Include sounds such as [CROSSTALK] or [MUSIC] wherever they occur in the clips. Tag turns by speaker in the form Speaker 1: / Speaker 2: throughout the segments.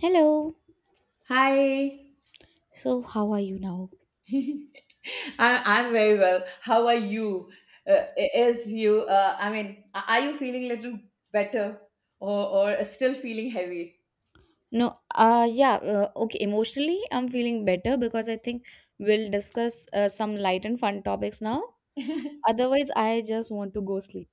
Speaker 1: Hello.
Speaker 2: Hi.
Speaker 1: So, how are you now?
Speaker 2: I'm very well. How are you? Is you? I mean, are you feeling a little better, or still feeling heavy?
Speaker 1: No, yeah, okay. Emotionally, I'm feeling better because I think we'll discuss some light and fun topics now. Otherwise, I just want to go sleep.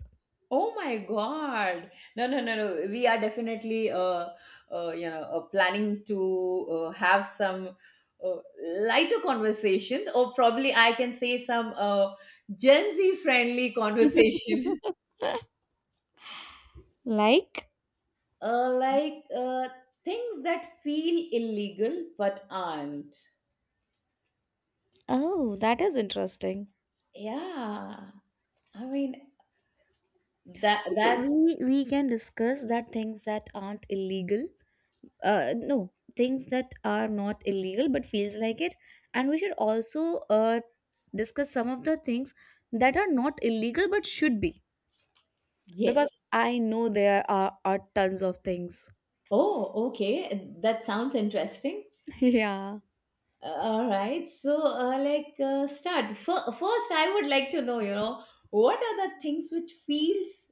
Speaker 2: Oh my God! No, no, no, no. We are definitely, planning to have some uh, lighter conversations, or probably I can say some Gen Z friendly conversation,
Speaker 1: [LAUGHS] Like,
Speaker 2: [LAUGHS] like things that feel illegal but aren't.
Speaker 1: oh, that is interesting.
Speaker 2: Yeah, I mean that
Speaker 1: Okay,
Speaker 2: that's
Speaker 1: we can discuss that things that aren't illegal. No, things that are not illegal but feels like it, and we should also uh discuss some of the things that are not illegal but should be. Because
Speaker 2: yes.
Speaker 1: I know there are tons of things.
Speaker 2: Oh, okay. That sounds interesting.
Speaker 1: [LAUGHS] Yeah.
Speaker 2: All right. So, like, start. First, I would like to know, what are the things which feels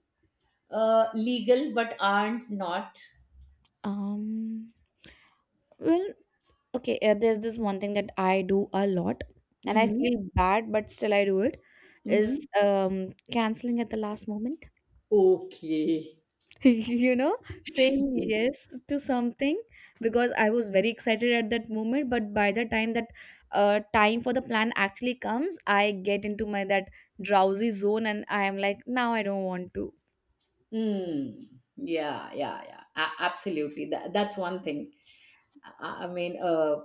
Speaker 2: legal but aren't not?
Speaker 1: Um, well, okay, there's this one thing that I do a lot, and I
Speaker 2: Mm-hmm.
Speaker 1: feel bad, but still I do it, is
Speaker 2: Mm-hmm.
Speaker 1: canceling at the last moment.
Speaker 2: Okay.
Speaker 1: [LAUGHS] You know, saying
Speaker 2: Yes.
Speaker 1: yes to something because I was very excited at that moment, but by the time that time for the plan actually comes, I get into my that drowsy zone and I am like, now I don't want to.
Speaker 2: Mm. Yeah, yeah, yeah. Absolutely. That's one thing. I mean,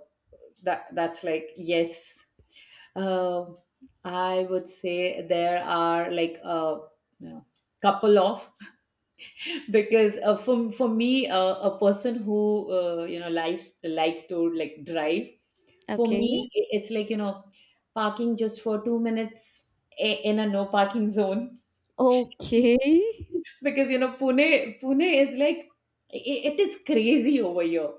Speaker 2: that's like yes. uh, I would say there are like a you know, couple of [LAUGHS] because for me a person who likes like to like drive. For
Speaker 1: Okay.
Speaker 2: me it's like parking just for 2 minutes in a no parking zone, [LAUGHS]
Speaker 1: Okay. [LAUGHS]
Speaker 2: because Pune is like, it is crazy over here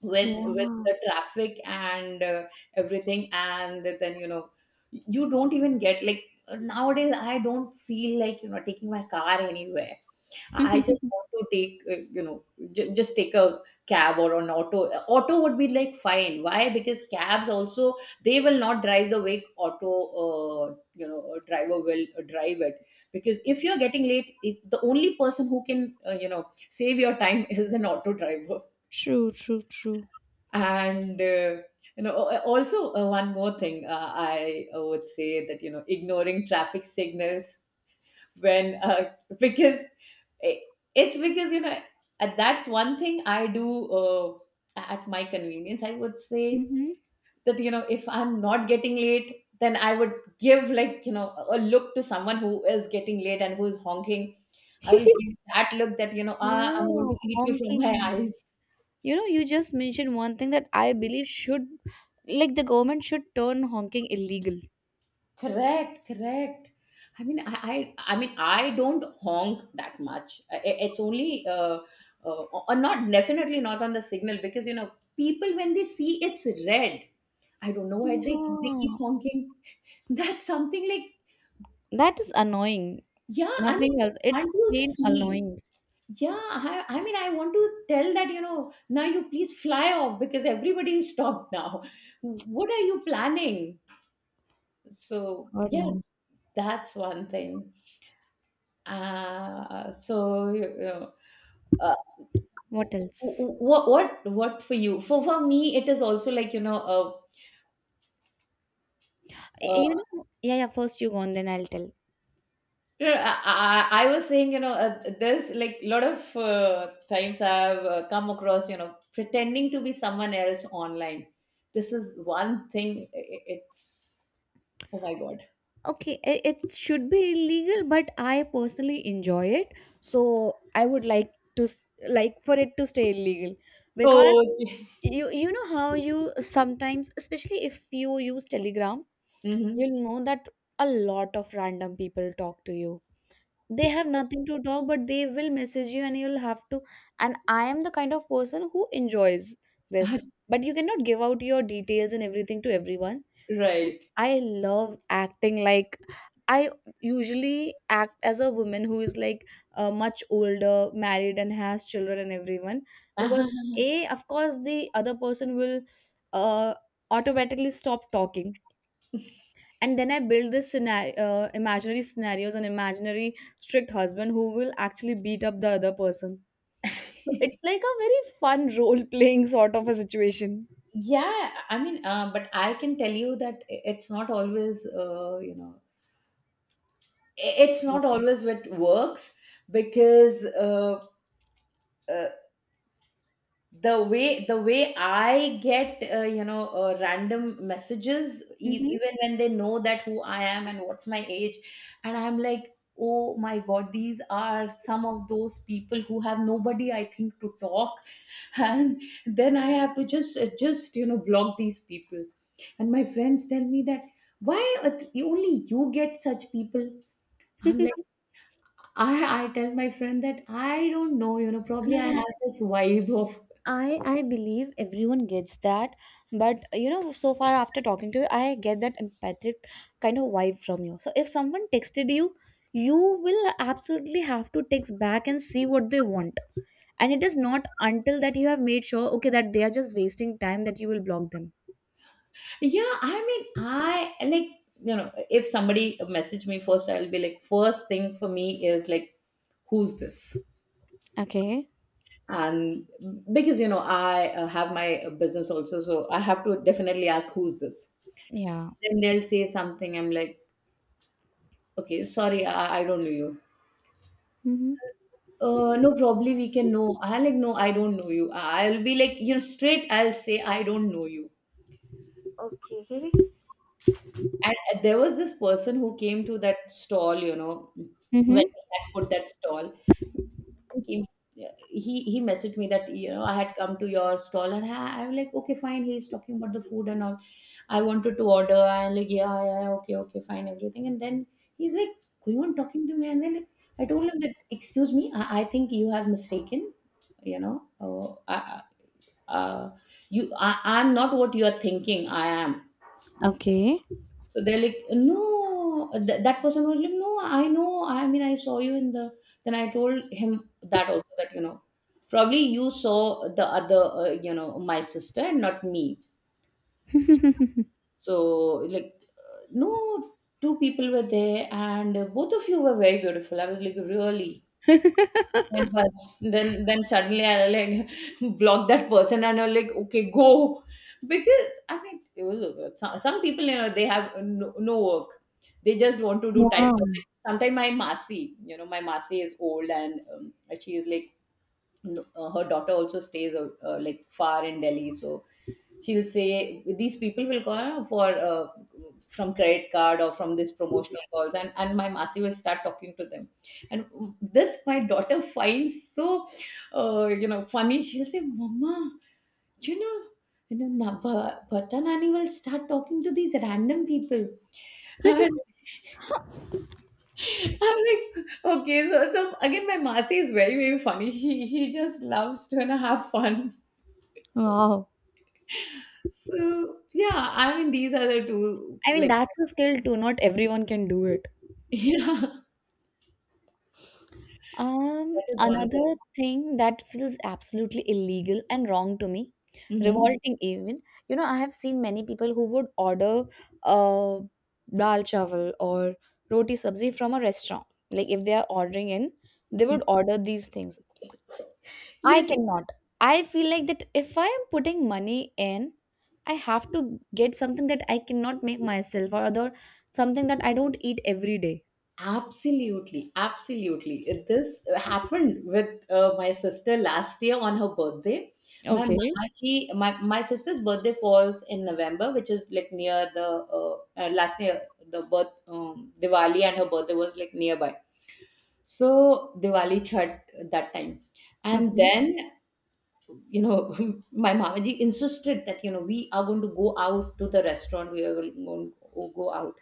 Speaker 2: with
Speaker 1: Yeah.
Speaker 2: the traffic and everything, and then you don't even get like, nowadays I don't feel like taking my car anywhere. I just
Speaker 1: [LAUGHS]
Speaker 2: want to take, you know, j- just take a cab or an auto. Auto would be like fine. Why? Because cabs also, they will not drive the way auto, a driver will drive it. Because if you're getting late, the only person who can, save your time [LAUGHS] is an auto driver.
Speaker 1: True, true, true.
Speaker 2: And also one more thing, I would say that, ignoring traffic signals, when [LAUGHS] because I- it's because, that's one thing I do at my convenience, I would say.
Speaker 1: Hmm.
Speaker 2: That, if I'm not getting late then I would give like, a look to someone who is getting late and who is honking. I will
Speaker 1: [LAUGHS]
Speaker 2: give that look that, I'm going
Speaker 1: Yeah,
Speaker 2: to eat you from my
Speaker 1: honking.
Speaker 2: eyes.
Speaker 1: You know, you just mentioned one thing that I believe should, like, the government should turn honking illegal.
Speaker 2: Correct, correct. I mean I don't honk that much. It's only, uh, or not, definitely not on the signal, because people, when they see it's red, I don't know why they keep
Speaker 1: Yeah.
Speaker 2: honking. [LAUGHS] That's something like,
Speaker 1: That is annoying.
Speaker 2: yeah, I mean,
Speaker 1: Nothing else. It's
Speaker 2: can't you
Speaker 1: plain
Speaker 2: see?
Speaker 1: annoying.
Speaker 2: Yeah, I mean, I want to tell that, now you please fly off because everybody is stopped now. What are you planning? So,
Speaker 1: God
Speaker 2: yeah,
Speaker 1: no.
Speaker 2: that's one thing. So, uh,
Speaker 1: What else?
Speaker 2: what for you? For me, it is also like,
Speaker 1: You
Speaker 2: uh,
Speaker 1: know, yeah, yeah, first you go on, then I'll tell.
Speaker 2: no, I was saying, there's like a lot of times I've come across, pretending to be someone else online. This is one thing. It's oh my god.
Speaker 1: Okay, it should be illegal, but I personally enjoy it. So I would like to like for it to stay illegal, because
Speaker 2: Oh, okay.
Speaker 1: you know how you sometimes, especially if you use Telegram,
Speaker 2: Mhm.
Speaker 1: you'll know that a lot of random people talk to you. They have nothing to talk, but they will message you and you'll have to, and I am the kind of person who enjoys this.
Speaker 2: [LAUGHS]
Speaker 1: But you cannot give out your details and everything to everyone, so
Speaker 2: Right.
Speaker 1: I love acting like I usually act as a woman who is like much older, married and has children and everyone.
Speaker 2: Uh-huh.
Speaker 1: Because a of course the other person will uh, automatically stop talking, and then I build this scenario, imaginary scenarios and imaginary strict husband who will actually beat up the other person. So it's like a very fun role playing sort of a situation.
Speaker 2: Yeah, I mean, but I can tell you that I- it's not always, you know, I- it's not always what works, because uh, the way I get random messages, e-
Speaker 1: Mm-hmm.
Speaker 2: even when they know that who I am and what's my age, and I'm like, oh my god, these are some of those people who have nobody, I think, to talk. [LAUGHS] And then I have to just block these people, and my friends tell me that why are only you get such people. I'm like,
Speaker 1: [LAUGHS]
Speaker 2: I tell my friend that I don't know, you know,
Speaker 1: No,
Speaker 2: probably I
Speaker 1: no,
Speaker 2: have this vibe of.
Speaker 1: I believe everyone gets that, but you know, so far after talking to you, I get that empathic kind of vibe from you. So if someone texted you, you will absolutely have to text back and see what they want. And it is not until that you have made sure okay that they are just wasting time that you will block them.
Speaker 2: Yeah, I mean, I like, if somebody message me first, I'll be like, first thing for me is like, who's this?
Speaker 1: Okay.
Speaker 2: And because, I have my business also, so I have to definitely ask, who's this?
Speaker 1: Yeah.
Speaker 2: Then they'll say something. I'm like, okay, sorry, I don't know you.
Speaker 1: Mm-hmm.
Speaker 2: No, probably we can know. I like, no, I don't know you. I'll be like, straight, I'll say, I don't know you.
Speaker 1: Okay.
Speaker 2: And there was this person who came to that stall, when we
Speaker 1: Mm-hmm.
Speaker 2: had put that stall. Think he messaged me that, you know, I had come to your stall, and I'm like, okay, fine, he's talking about the food and all. I wanted to order. I'm like, yeah, yeah, yeah, okay, okay, fine, everything. And then he's like going on talking to me and then like, I told him that, excuse me, I think you have mistaken. You know oh, I, uh, you I, I'm not what you are thinking I am.
Speaker 1: Okay.
Speaker 2: So they're like, no, that person was like, no, I know. I mean, I saw you in the. Then I told him that also, that, probably you saw the other, my sister and not me.
Speaker 1: [LAUGHS]
Speaker 2: So like, no, two people were there and both of you were very beautiful. I was like, really. And bus. Then suddenly I like [LAUGHS] block that person and I'm like, okay, go. Because I mean, some people, they have no, no work. They just want to do time
Speaker 1: Yeah.
Speaker 2: passing. Sometimes my Masi is old, and she is like, no, her daughter also stays like far in Delhi. So she'll say these people will call for from credit card or from this promotional calls, and my masi will start talking to them, and this my daughter [LAUGHS] finds so funny. She'll say mama, you know Bata Nani will start talking to these random people. And
Speaker 1: [LAUGHS]
Speaker 2: [LAUGHS] I'm like, okay, so again, my Masi is very very funny. She just loves to, have fun.
Speaker 1: Wow.
Speaker 2: So yeah, I mean these are the two
Speaker 1: I mean,
Speaker 2: like
Speaker 1: that's a skill too, not everyone can do it.
Speaker 2: [LAUGHS] yeah. That is one thing.
Speaker 1: Another thing that feels absolutely illegal and wrong to me,
Speaker 2: Mhm.
Speaker 1: revolting even, you know, I have seen many people who would order uh dal chawal or roti sabzi from a restaurant. Like if they are ordering in, they would order these things. I
Speaker 2: Yes,
Speaker 1: cannot. I feel like that if I am putting money in, I have to get something that I cannot make myself, or other something that I don't eat every day.
Speaker 2: absolutely, absolutely. This happened with my sister last year on her birthday. My
Speaker 1: Okay.
Speaker 2: mamaji, my sister's birthday falls in November, which is like near the last year, the birth Diwali, and her birthday was like nearby. So Diwali Chhat that time, and
Speaker 1: Okay.
Speaker 2: then you know [LAUGHS] my mamaji insisted that, we are going to go out to the restaurant. We are going to go out.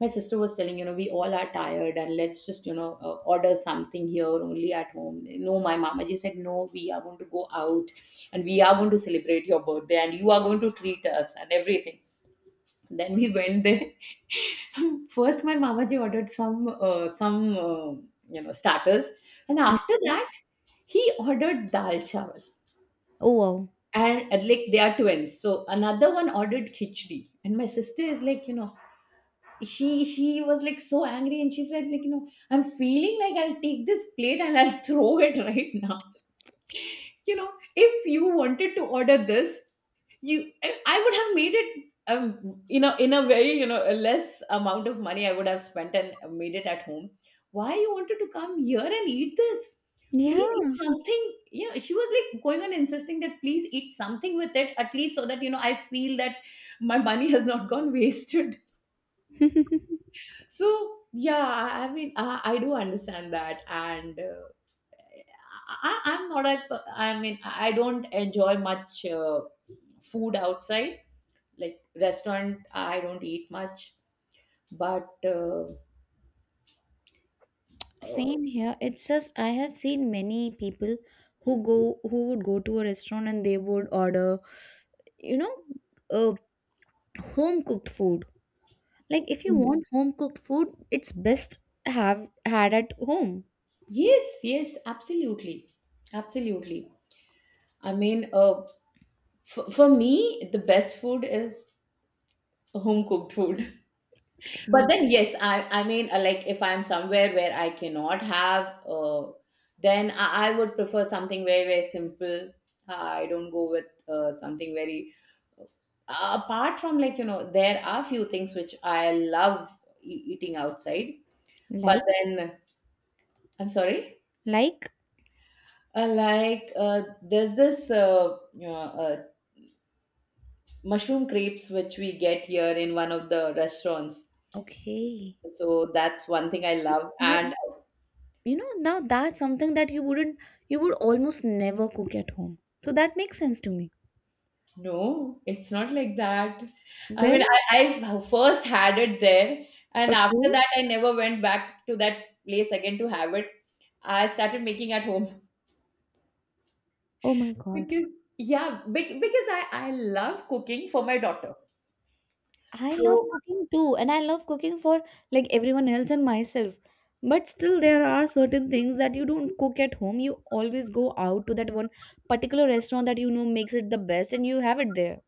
Speaker 2: My sister was telling, we all are tired and let's just order something here only at home. No, my mama just said no, we are going to go out and we are going to celebrate your birthday and you are going to treat us and everything. Then we went there, [LAUGHS] first my mama ji ordered some uh, starters, and after
Speaker 1: Okay.
Speaker 2: that he ordered dal chawal,
Speaker 1: Oh wow.
Speaker 2: and like they are twins so another one ordered khichdi, and my sister is like, she was like so angry and she said like, I'm feeling like I'll take this plate and I'll [LAUGHS] throw it right now. [LAUGHS] you know if you wanted to order this, you I would have made it, in a very, a less amount of money I would have spent and made it at home. Why you wanted to come here and eat this? Please eat
Speaker 1: Yeah.
Speaker 2: something. She was like going on insisting that please eat something with it, at least so that, I feel that my money [LAUGHS] has not gone wasted. So yeah, I mean, I do understand that, and I'm not a, I mean, I don't enjoy much food outside, like restaurant. I don't eat much, but uh,
Speaker 1: Same here. It's just I have seen many people who would go to a restaurant and they would order, you know, uh, home cooked food. Like if you
Speaker 2: mm,
Speaker 1: want home cooked food, it's best have had at home.
Speaker 2: yes, yes, absolutely, absolutely. I mean, for me, the best food is home cooked food. But
Speaker 1: True.
Speaker 2: then, yes, I mean, like if I'm somewhere where I cannot have, then I would prefer something very very simple. I don't go with something very, apart from, like, there are few things which I love eating outside, but
Speaker 1: Like
Speaker 2: then I'm sorry,
Speaker 1: like
Speaker 2: like there's this mushroom crepes which we get here in one of the restaurants.
Speaker 1: okay.
Speaker 2: So that's one thing I love,
Speaker 1: You
Speaker 2: and
Speaker 1: you know now that's something that you would almost never cook at home. So that makes sense to me.
Speaker 2: no, it's not like that. I mean,
Speaker 1: Then,
Speaker 2: I first had it there, and after
Speaker 1: okay.
Speaker 2: that, I never went back to that place again to have it. I started making at home
Speaker 1: Oh my God.
Speaker 2: because, yeah, because I love cooking for my daughter.
Speaker 1: I love
Speaker 2: So,
Speaker 1: cooking too, and I love cooking for like everyone else and myself. But still, there are certain things that you don't cook at home. You always go out to that one particular restaurant that you know makes it the best, and you have it there.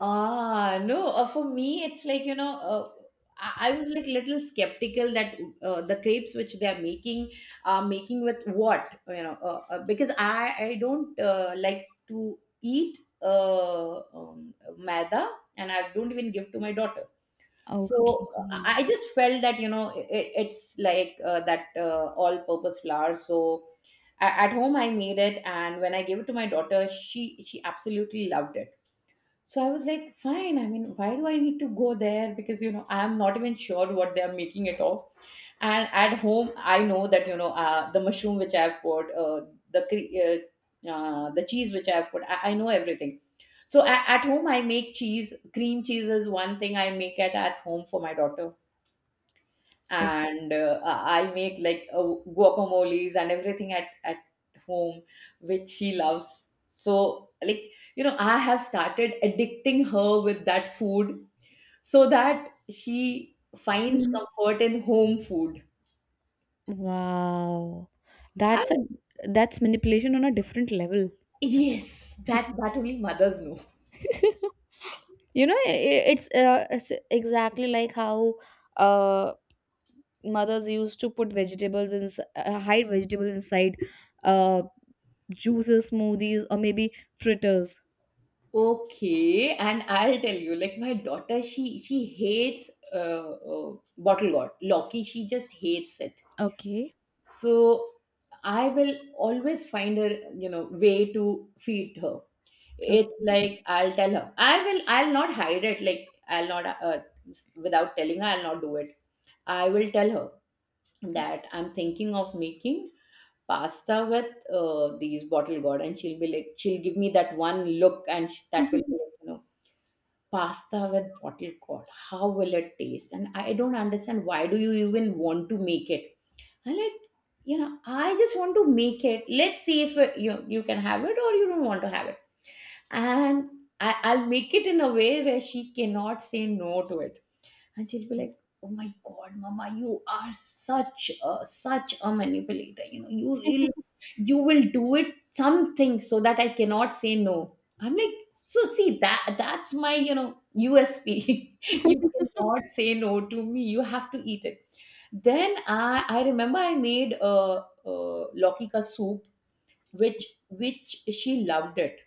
Speaker 2: No, for me, it's like, I was like little skeptical that the crepes which they are making with what, because I don't like to eat maida, and I don't even give to my daughter. So
Speaker 1: Okay.
Speaker 2: I just felt that, it's like that all-purpose flour. So at home I made it, and when I gave it to my daughter, she absolutely loved it, so I was like, fine. I mean, why do I need to go there? Because, I'm not even sure what they're making it of. And at home, I know that, the mushroom which I've put, the cheese which I've put, I know everything. So at home, I make cheese. Cream cheese is one thing I make at home for my daughter,
Speaker 1: Okay.
Speaker 2: and I make like guacamoles and everything at home, which she loves. So, like, I have started addicting her with that food so that she finds comfort in home food.
Speaker 1: Wow.
Speaker 2: And
Speaker 1: That's a that's manipulation on a different level.
Speaker 2: yes, that only mothers know.
Speaker 1: [LAUGHS] You know, it's exactly like how uh mothers used to put vegetables in hide vegetables inside uh, juices, smoothies, or maybe fritters.
Speaker 2: Okay, and I'll tell you, like, my daughter, she hates, bottle gourd. Loki, she just hates it.
Speaker 1: Okay.
Speaker 2: So I will always find a, way to feed her. It's
Speaker 1: Okay.
Speaker 2: like, I'll tell her, I'll not hide it. Like, I'll not without telling her, I'll not do it. I will tell her that I'm thinking of making pasta with, these bottle gourd, and she'll be like she'll give me that one look, and that will be
Speaker 1: [LAUGHS]
Speaker 2: like, you know, pasta with bottle gourd, how will it taste, and I don't understand, why do you even want to make it? I'm like, I just want to make it. Let's see if you can have it, or you don't want to have it. And I'll make it in a way where she cannot say no to it. And she'll be like, "Oh my God, Mama, you are such a manipulator. You will do it something so that I cannot say no." I'm like, so see that that's my, USP. [LAUGHS] You cannot say no to me. You have to eat it. Then I remember I made a Loki ka soup, which she loved it,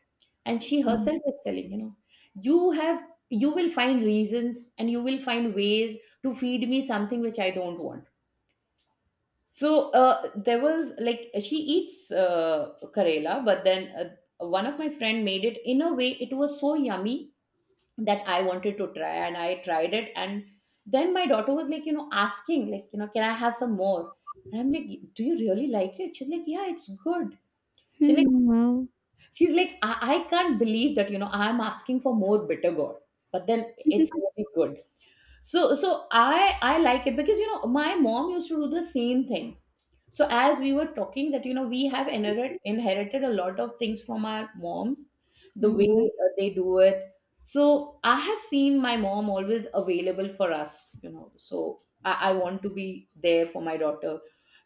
Speaker 2: and she herself is telling, you have you will find reasons and you will find ways to feed me something which I don't want. So, there was like she eats Karela, but then, one of my friend made it in a way it was so yummy that I wanted to try, and I tried it, and then my daughter was like, asking, like, can I have some more? And I'm like, do you really like it? She's like, yeah, it's good. She's like,
Speaker 1: Hmm, wow.
Speaker 2: I can't believe that, I'm asking for more bitter gourd. But then it's
Speaker 1: [LAUGHS]
Speaker 2: really good. So I like it, because, my mom used to do the same thing. So as we were talking, that, we have inherited a lot of things from our moms, the way
Speaker 1: Mm.
Speaker 2: they do it. So I have seen my mom always available for us, so I want to be there for my daughter,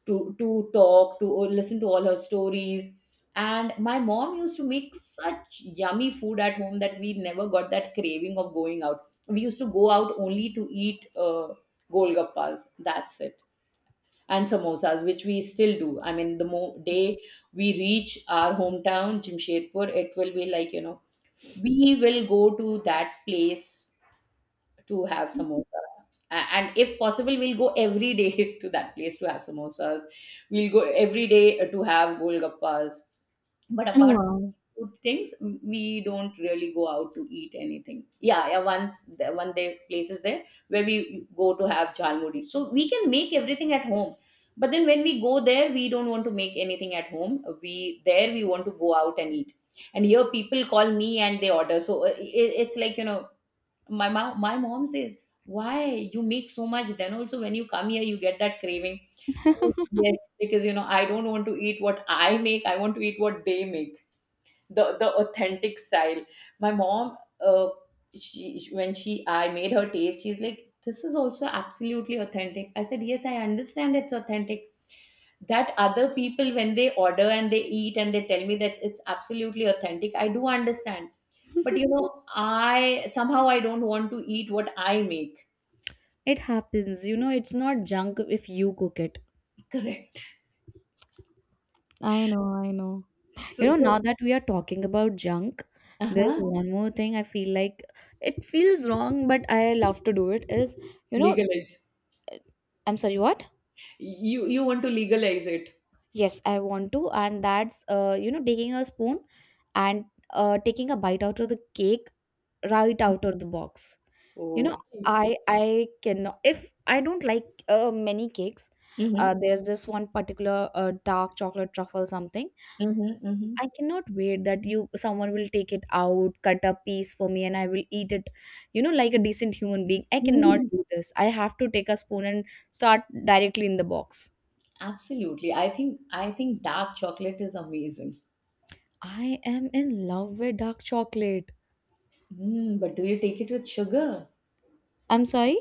Speaker 2: to talk to, listen to all her stories. And my mom used to make such yummy food at home that we never got that craving of going out. We used to go out only to eat, golgappas, that's it. And samosas, which we still do. I mean, the day we reach our hometown, Jamshedpur, it will be like, we will go to that place to have samosa. And if possible, we'll go every day [LAUGHS] to that place to have samosas. We'll go every day to have golgappas. But apart
Speaker 1: Wow.
Speaker 2: from food things, we don't really go out to eat anything. Yeah, yeah. Once one day places there where we go to have jalmuri, so we can make everything at home. But then when we go there, we don't want to make anything at home. We there we want to go out and eat. And here people call me and they order. So, it's like, my mom says, "Why you make so much? Then also when you come here, you get that craving." Yes, because, I don't want to eat what I make, I want to eat what they make, the authentic style. My mom, she when she I made her taste, she's like, "This is also absolutely authentic." I said, "Yes, I understand it's authentic. That other people when they order and they eat and they tell me that it's absolutely authentic, I do understand. But you know, I somehow I don't want to eat what I make."
Speaker 1: It happens, you know, it's not junk if you cook it.
Speaker 2: [LAUGHS] Correct.
Speaker 1: I know, I know.
Speaker 2: So,
Speaker 1: You know,
Speaker 2: so
Speaker 1: now that we are talking about junk, there's
Speaker 2: uh-huh.
Speaker 1: one more thing I feel like it feels wrong, but I love to do it. Is you know,
Speaker 2: Legalize.
Speaker 1: I'm sorry, what?
Speaker 2: You want to legalize it?
Speaker 1: Yes, I want to, and that's taking a spoon and taking a bite out of the cake right out of the box. You know,
Speaker 2: Oh.
Speaker 1: I cannot, if I don't like many cakes,
Speaker 2: Mm-hmm.
Speaker 1: there's this one particular dark chocolate truffle something.
Speaker 2: Mm-hmm.
Speaker 1: I cannot wait that you someone will take it out, cut a piece for me and I will eat it. You know, like a decent human being, I cannot
Speaker 2: Mm-hmm.
Speaker 1: do
Speaker 2: [LAUGHS]
Speaker 1: this. I have to take a spoon and start directly in the box.
Speaker 2: Absolutely. I think dark chocolate is amazing.
Speaker 1: I am in love with dark chocolate.
Speaker 2: But do you take it with sugar?
Speaker 1: I'm sorry.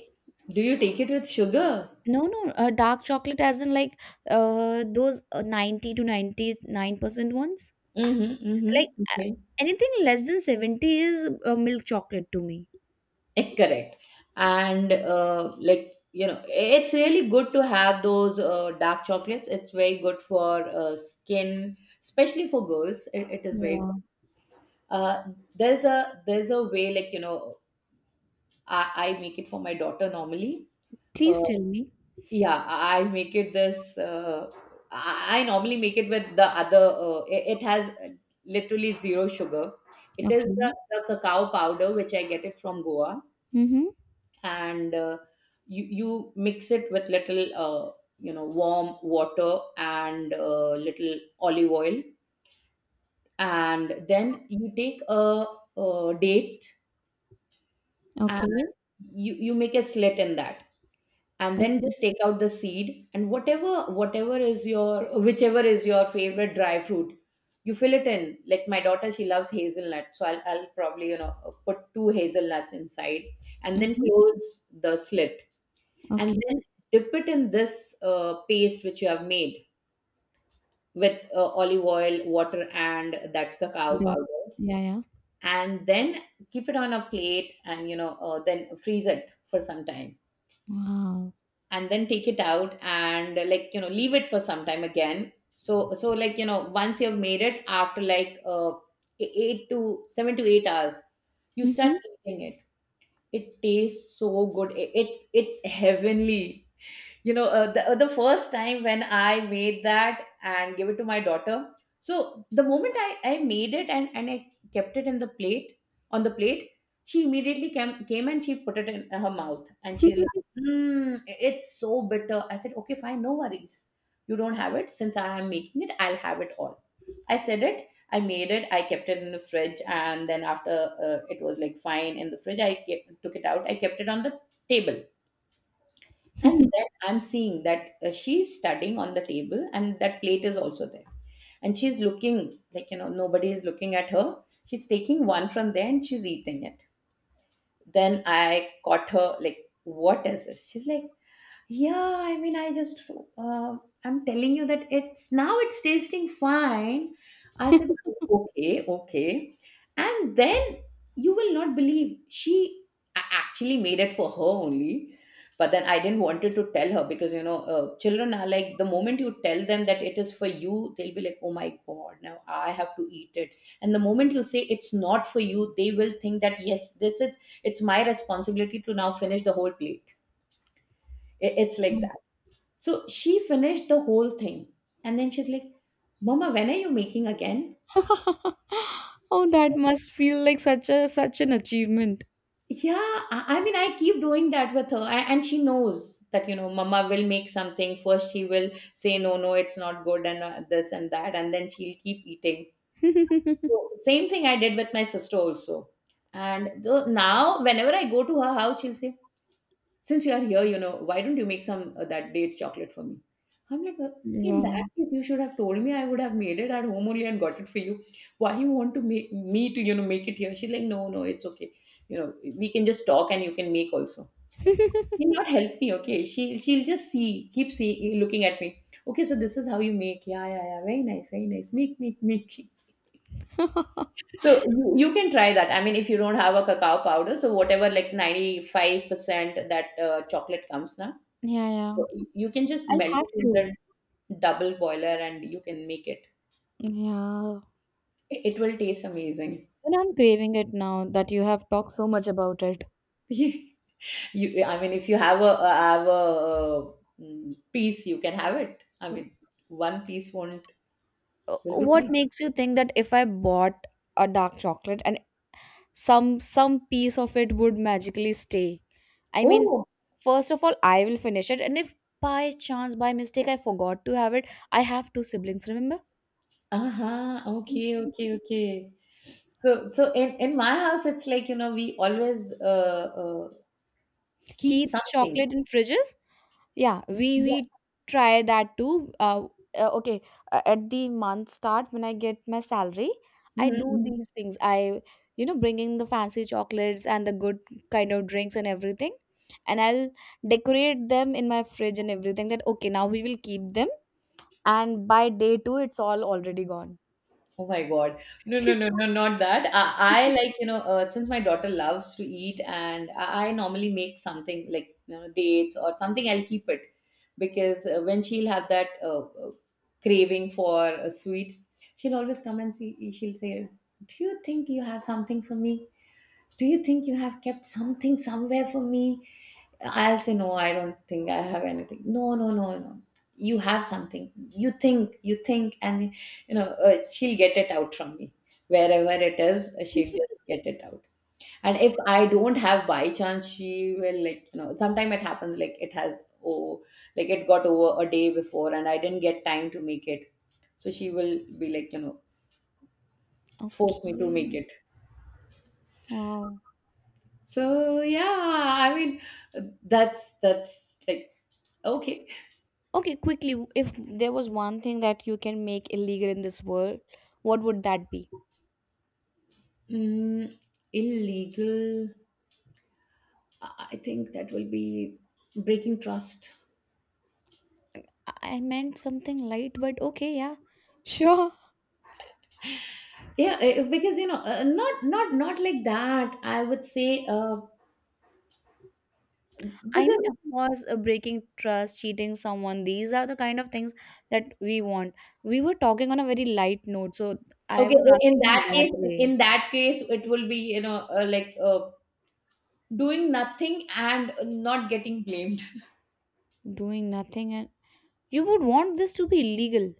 Speaker 2: Do you take it with sugar?
Speaker 1: No, no, dark chocolate as in like those 90 to 99% ones.
Speaker 2: Mm-hmm, mm-hmm.
Speaker 1: Like a-
Speaker 2: Okay.
Speaker 1: anything less than 70 is milk chocolate to me.
Speaker 2: Correct. And, like, it's really good to have those dark chocolates. It's very good for, skin, especially for girls. It is very
Speaker 1: Yeah.
Speaker 2: good. Uh, there's a way, like, I make it for my daughter normally. Uh,
Speaker 1: Please tell me.
Speaker 2: yeah, I make it this, I normally make it with the other, it has literally zero sugar. It is the,
Speaker 1: Okay.
Speaker 2: the cacao powder, which I get it from Goa.
Speaker 1: Mm-hmm.
Speaker 2: And you mix it with little, warm water, and little olive oil. And then you take a date,
Speaker 1: Okay.
Speaker 2: and you make a slit in that, and then just take out the seed, and whatever whatever is your whichever is your favorite dry fruit, you fill it in. Like, my daughter, she loves hazelnut, so I'll probably, put two hazelnuts inside, and then
Speaker 1: Mm-hmm.
Speaker 2: close the slit, and
Speaker 1: Okay.
Speaker 2: then dip it in this, paste which you have made with, olive oil, water, and that cacao
Speaker 1: Dog.
Speaker 2: powder,
Speaker 1: Yeah, yeah.
Speaker 2: and then keep it on a plate, and, then freeze it for some time,
Speaker 1: Wow.
Speaker 2: and then take it out, and, like, leave it for some time again. So, like, once you have made it, after like, 8 to 7 to 8 hours, you start
Speaker 1: Mm-hmm.
Speaker 2: eating it. It tastes so good. It's heavenly. The first time when I made that and gave it to my daughter, so the moment I made it, and I kept it in the plate on the plate, she immediately came and she put it in her mouth, and she like, mm, it's so bitter. I said, okay, fine, no worries. You don't have it. Since I am making it, I'll have it all. I said it. I made it, I kept it in the fridge, and then after, it was like fine in the fridge. Took it out, I kept it on the table. And then
Speaker 1: [LAUGHS]
Speaker 2: I'm seeing that, she's studying on the table, and that plate is also there. And she's looking, like, nobody is looking at her. She's taking one from there and she's eating it. Then I caught her, like, what is this? She's like, yeah, I mean, I just, uh, I'm telling you that it's tasting fine. I said, okay, okay. And then you will not believe, she actually made it for her only. But then I didn't wanted to tell her, because, children are like, the moment you tell them that it is for you, they'll be like, oh my God, now I have to eat it. And the moment you say it's not for you, they will think that, yes, this is, it's my responsibility to now finish the whole plate. It's like that.
Speaker 1: [LAUGHS]
Speaker 2: So she finished the whole thing. And then she's like, Mama, when are you making again?
Speaker 1: Oh, that
Speaker 2: So,
Speaker 1: must feel like such a such an achievement.
Speaker 2: yeah, I mean, I keep doing that with her. And she knows that, Mama will make something. First, she will say, no, no, it's not good, and this and that. And then she'll keep eating. So,
Speaker 1: [LAUGHS]
Speaker 2: same thing I did with my sister also. And though now, whenever I go to her house, she'll say, since you are here, why don't you make some, that date chocolate for me? I'm like, in that
Speaker 1: Wow.
Speaker 2: case, you should have told me. I would have made it at home only and got it for you. Why you want to make me to, make it here? She's like, no, no, it's okay. You know, we can just talk and you can make also. She'll not help me, okay? She'll just see, keep see, looking at me. Okay, so this is how you make. Yeah, yeah, yeah. Very nice, very nice. Make, make, make.
Speaker 1: [LAUGHS]
Speaker 2: So you can try that. I mean, if you don't have a cacao powder, so whatever like 95% that chocolate comes now,
Speaker 1: Yeah, yeah.
Speaker 2: so you can just
Speaker 1: I'll
Speaker 2: melt
Speaker 1: have
Speaker 2: it in
Speaker 1: to.
Speaker 2: the double boiler and you can make it.
Speaker 1: Yeah.
Speaker 2: It will taste amazing.
Speaker 1: And I'm craving it now that you have talked so much about it.
Speaker 2: [LAUGHS] You, I mean, if you have a have a, mm, Piece, you can have it. I mean, one piece won't will be
Speaker 1: What
Speaker 2: fine.
Speaker 1: makes you think that if I bought a dark chocolate and some piece of it would magically stay? I mean,
Speaker 2: Oh,
Speaker 1: first of all, I will finish it, and if by chance, by mistake, I forgot to have it, I have two siblings. Remember,
Speaker 2: uh-huh. Okay, okay, okay. So in my house, it's like, you know, we always keep
Speaker 1: keep
Speaker 2: something.
Speaker 1: chocolate in fridges. Yeah, we
Speaker 2: Yeah.
Speaker 1: we try that too. Okay, at the month start when I get my salary, I
Speaker 2: Mhm,
Speaker 1: do
Speaker 2: mhm.
Speaker 1: these things. I, bringing the fancy chocolates and the good kind of drinks and everything, and I'll decorate them in my fridge and everything. That okay, now we will keep them, and by day two, it's all already gone.
Speaker 2: Oh my God. No, no, no,
Speaker 1: [LAUGHS]
Speaker 2: no, not that. I like, since my daughter loves to eat, and I normally make something like, you know, dates or something, I'll keep it because when she'll have that craving for a sweet, she'll always come and see, she'll say, do you think you have something for me? Do you think you have kept something somewhere for me? I'll say no, I don't think I have anything. No, no, no, no. You have something. You think, and she'll get it out from me wherever it is. She'll just get it out. And if I don't have by chance, she will, like, you know. Sometime it happens like it has oh like it got over a day before, and I didn't get time to make it. So she will be like, you know,
Speaker 1: Okay.
Speaker 2: force me to make it.
Speaker 1: Wow.
Speaker 2: So yeah, I mean, that's like okay.
Speaker 1: Okay, quickly, if there was one thing that you can make illegal in this world, what would that be?
Speaker 2: Mm, illegal. I think that will be breaking trust.
Speaker 1: I meant something light, but okay, yeah. Sure.
Speaker 2: Yeah, because, you know, not like that. I would say,
Speaker 1: I mean, of
Speaker 2: because
Speaker 1: course, breaking trust, cheating someone, these are the kind of things that we want. We were talking on a very light note, so I
Speaker 2: okay,
Speaker 1: was
Speaker 2: in
Speaker 1: asking in
Speaker 2: that
Speaker 1: that
Speaker 2: case, in
Speaker 1: way.
Speaker 2: that case, it will be, doing nothing and not getting blamed.
Speaker 1: Doing nothing, and you would want this to be illegal.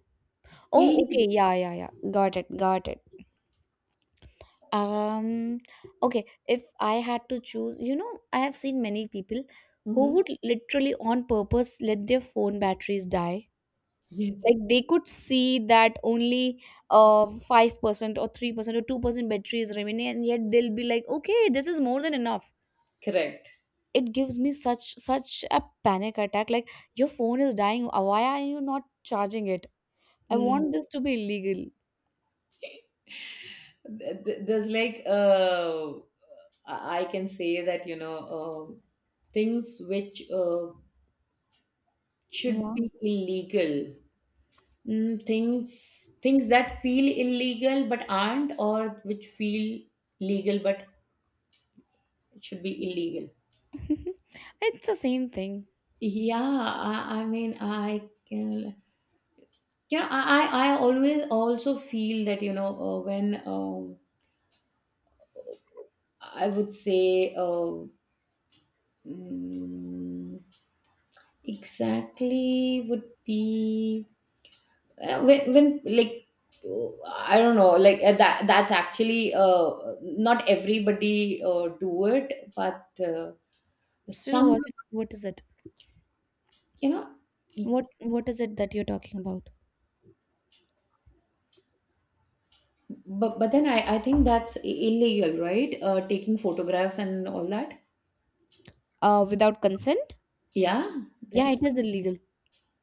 Speaker 1: Oh, okay,
Speaker 2: Illegal.
Speaker 1: yeah, yeah, yeah. Got it, got it. Um, okay, if I had to choose, you know, I have seen many people who
Speaker 2: Hmm.
Speaker 1: would literally on purpose let their phone batteries die, like
Speaker 2: Yes,
Speaker 1: they could see that only 5% or 3% or 2% battery is remaining and yet they'll be like, okay, this is more than enough.
Speaker 2: correct.
Speaker 1: It gives me such such a panic attack, like, your phone is dying, why are you not charging it? I want
Speaker 2: Mm.
Speaker 1: this to be illegal.
Speaker 2: There's like I can say that, you know, things which should
Speaker 1: Yeah.
Speaker 2: be illegal, mm, things that feel illegal but aren't, or which feel legal but should be illegal.
Speaker 1: [LAUGHS] It's the same thing.
Speaker 2: Yeah, I mean, I can. Yeah, I always also feel that, you know, when I would say mm, exactly would be. When like uh, I don't know, like, that's actually not everybody do it but uh,
Speaker 1: Still
Speaker 2: some,
Speaker 1: was it what is it,
Speaker 2: you know, y-
Speaker 1: what what is it that you're talking about?
Speaker 2: but then I think that's illegal, right? Taking photographs and all that.
Speaker 1: Without consent.
Speaker 2: Yeah,
Speaker 1: Yeah,
Speaker 2: that.
Speaker 1: it is illegal.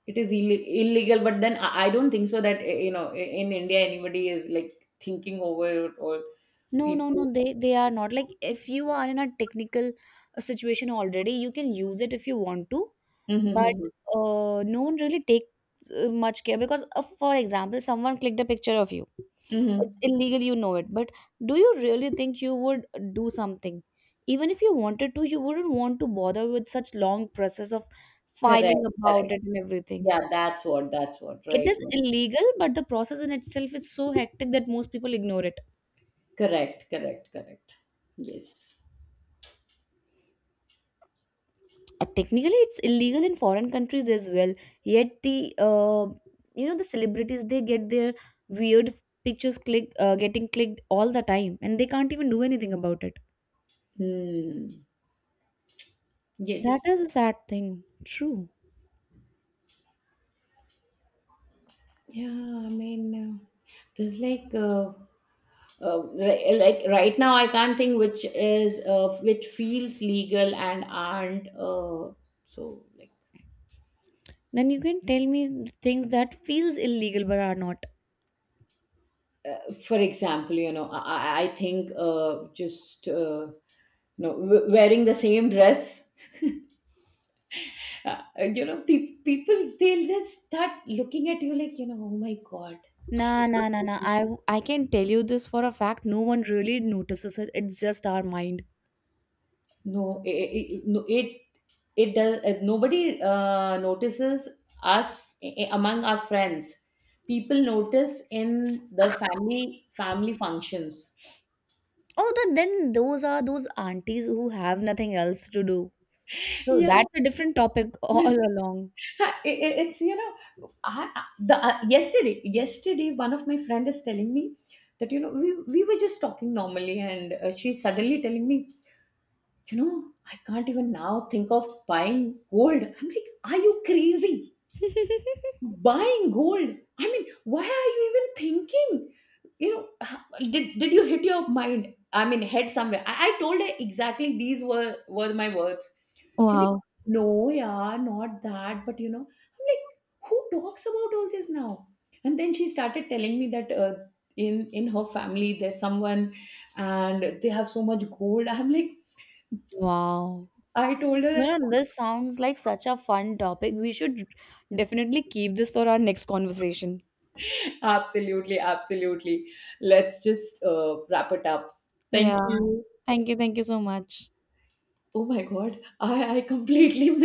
Speaker 2: It is illegal, but then I don't think so that you know, in india anybody is like thinking over it or
Speaker 1: No, no, no,
Speaker 2: people.
Speaker 1: they are not, like if you are in a technical situation already, you can use it if you want to, but
Speaker 2: Hmm.
Speaker 1: no one really takes much care because, for example, someone clicked a picture of you. It's
Speaker 2: Hmm.
Speaker 1: illegal, you know it, but do you really think you would do something? Even if you wanted to, you wouldn't want to bother with such long process of
Speaker 2: Correct,
Speaker 1: filing about
Speaker 2: correct.
Speaker 1: it and everything.
Speaker 2: Yeah, that's what, that's what,
Speaker 1: It
Speaker 2: right.
Speaker 1: is illegal, but the process in itself is so hectic that most people ignore it.
Speaker 2: Correct, correct, correct. Yes.
Speaker 1: Technically, it's illegal in foreign countries as well. Yet the the celebrities they get their weird pictures click getting clicked all the time, and they can't even do anything about it.
Speaker 2: Hmm.
Speaker 1: That
Speaker 2: Yes.
Speaker 1: is a sad thing. True.
Speaker 2: Yeah, I mean, there's like like right now, I can't think which is which feels legal and aren't. So, like
Speaker 1: Then you can tell me things that feels illegal but are not.
Speaker 2: for example, you know, I think just no, wearing the same dress. [LAUGHS] Uh, you know, people, they'll just start looking at you like, you know, oh my god.
Speaker 1: Nah, nah, nah, nah. I can tell you this for a fact. No one really notices it. It's just our mind.
Speaker 2: No, no, it does. Nobody notices us, among our friends. People notice in the family functions.
Speaker 1: Oh, then those are those aunties who have nothing else to do. So
Speaker 2: Yeah.
Speaker 1: that's a different topic [LAUGHS] all
Speaker 2: [LAUGHS]
Speaker 1: along.
Speaker 2: It's, you know, I- the yesterday one of my friend is telling me that, you know, we were just talking normally, and she's suddenly telling me, you know, I can't even now think of buying gold. I'm like, are you crazy? Buying gold, I mean, why are you even thinking? You know, did you hit your mind, I mean, head somewhere? I told her exactly these were my words. She like,
Speaker 1: Wow.
Speaker 2: no, yeah, not that, but you know, I'm like, who talks about all this now? And then she started telling me that in her family there's someone and they have so much gold. I'm like,
Speaker 1: Wow.
Speaker 2: I told her that.
Speaker 1: You know, this sounds like such a fun topic. We should definitely keep this for our next conversation.
Speaker 2: [LAUGHS] Absolutely, absolutely. Let's just wrap it up. Thank
Speaker 1: Yeah.
Speaker 2: you.
Speaker 1: Thank you. Thank you so much.
Speaker 2: Oh my god, I completely [LAUGHS] missed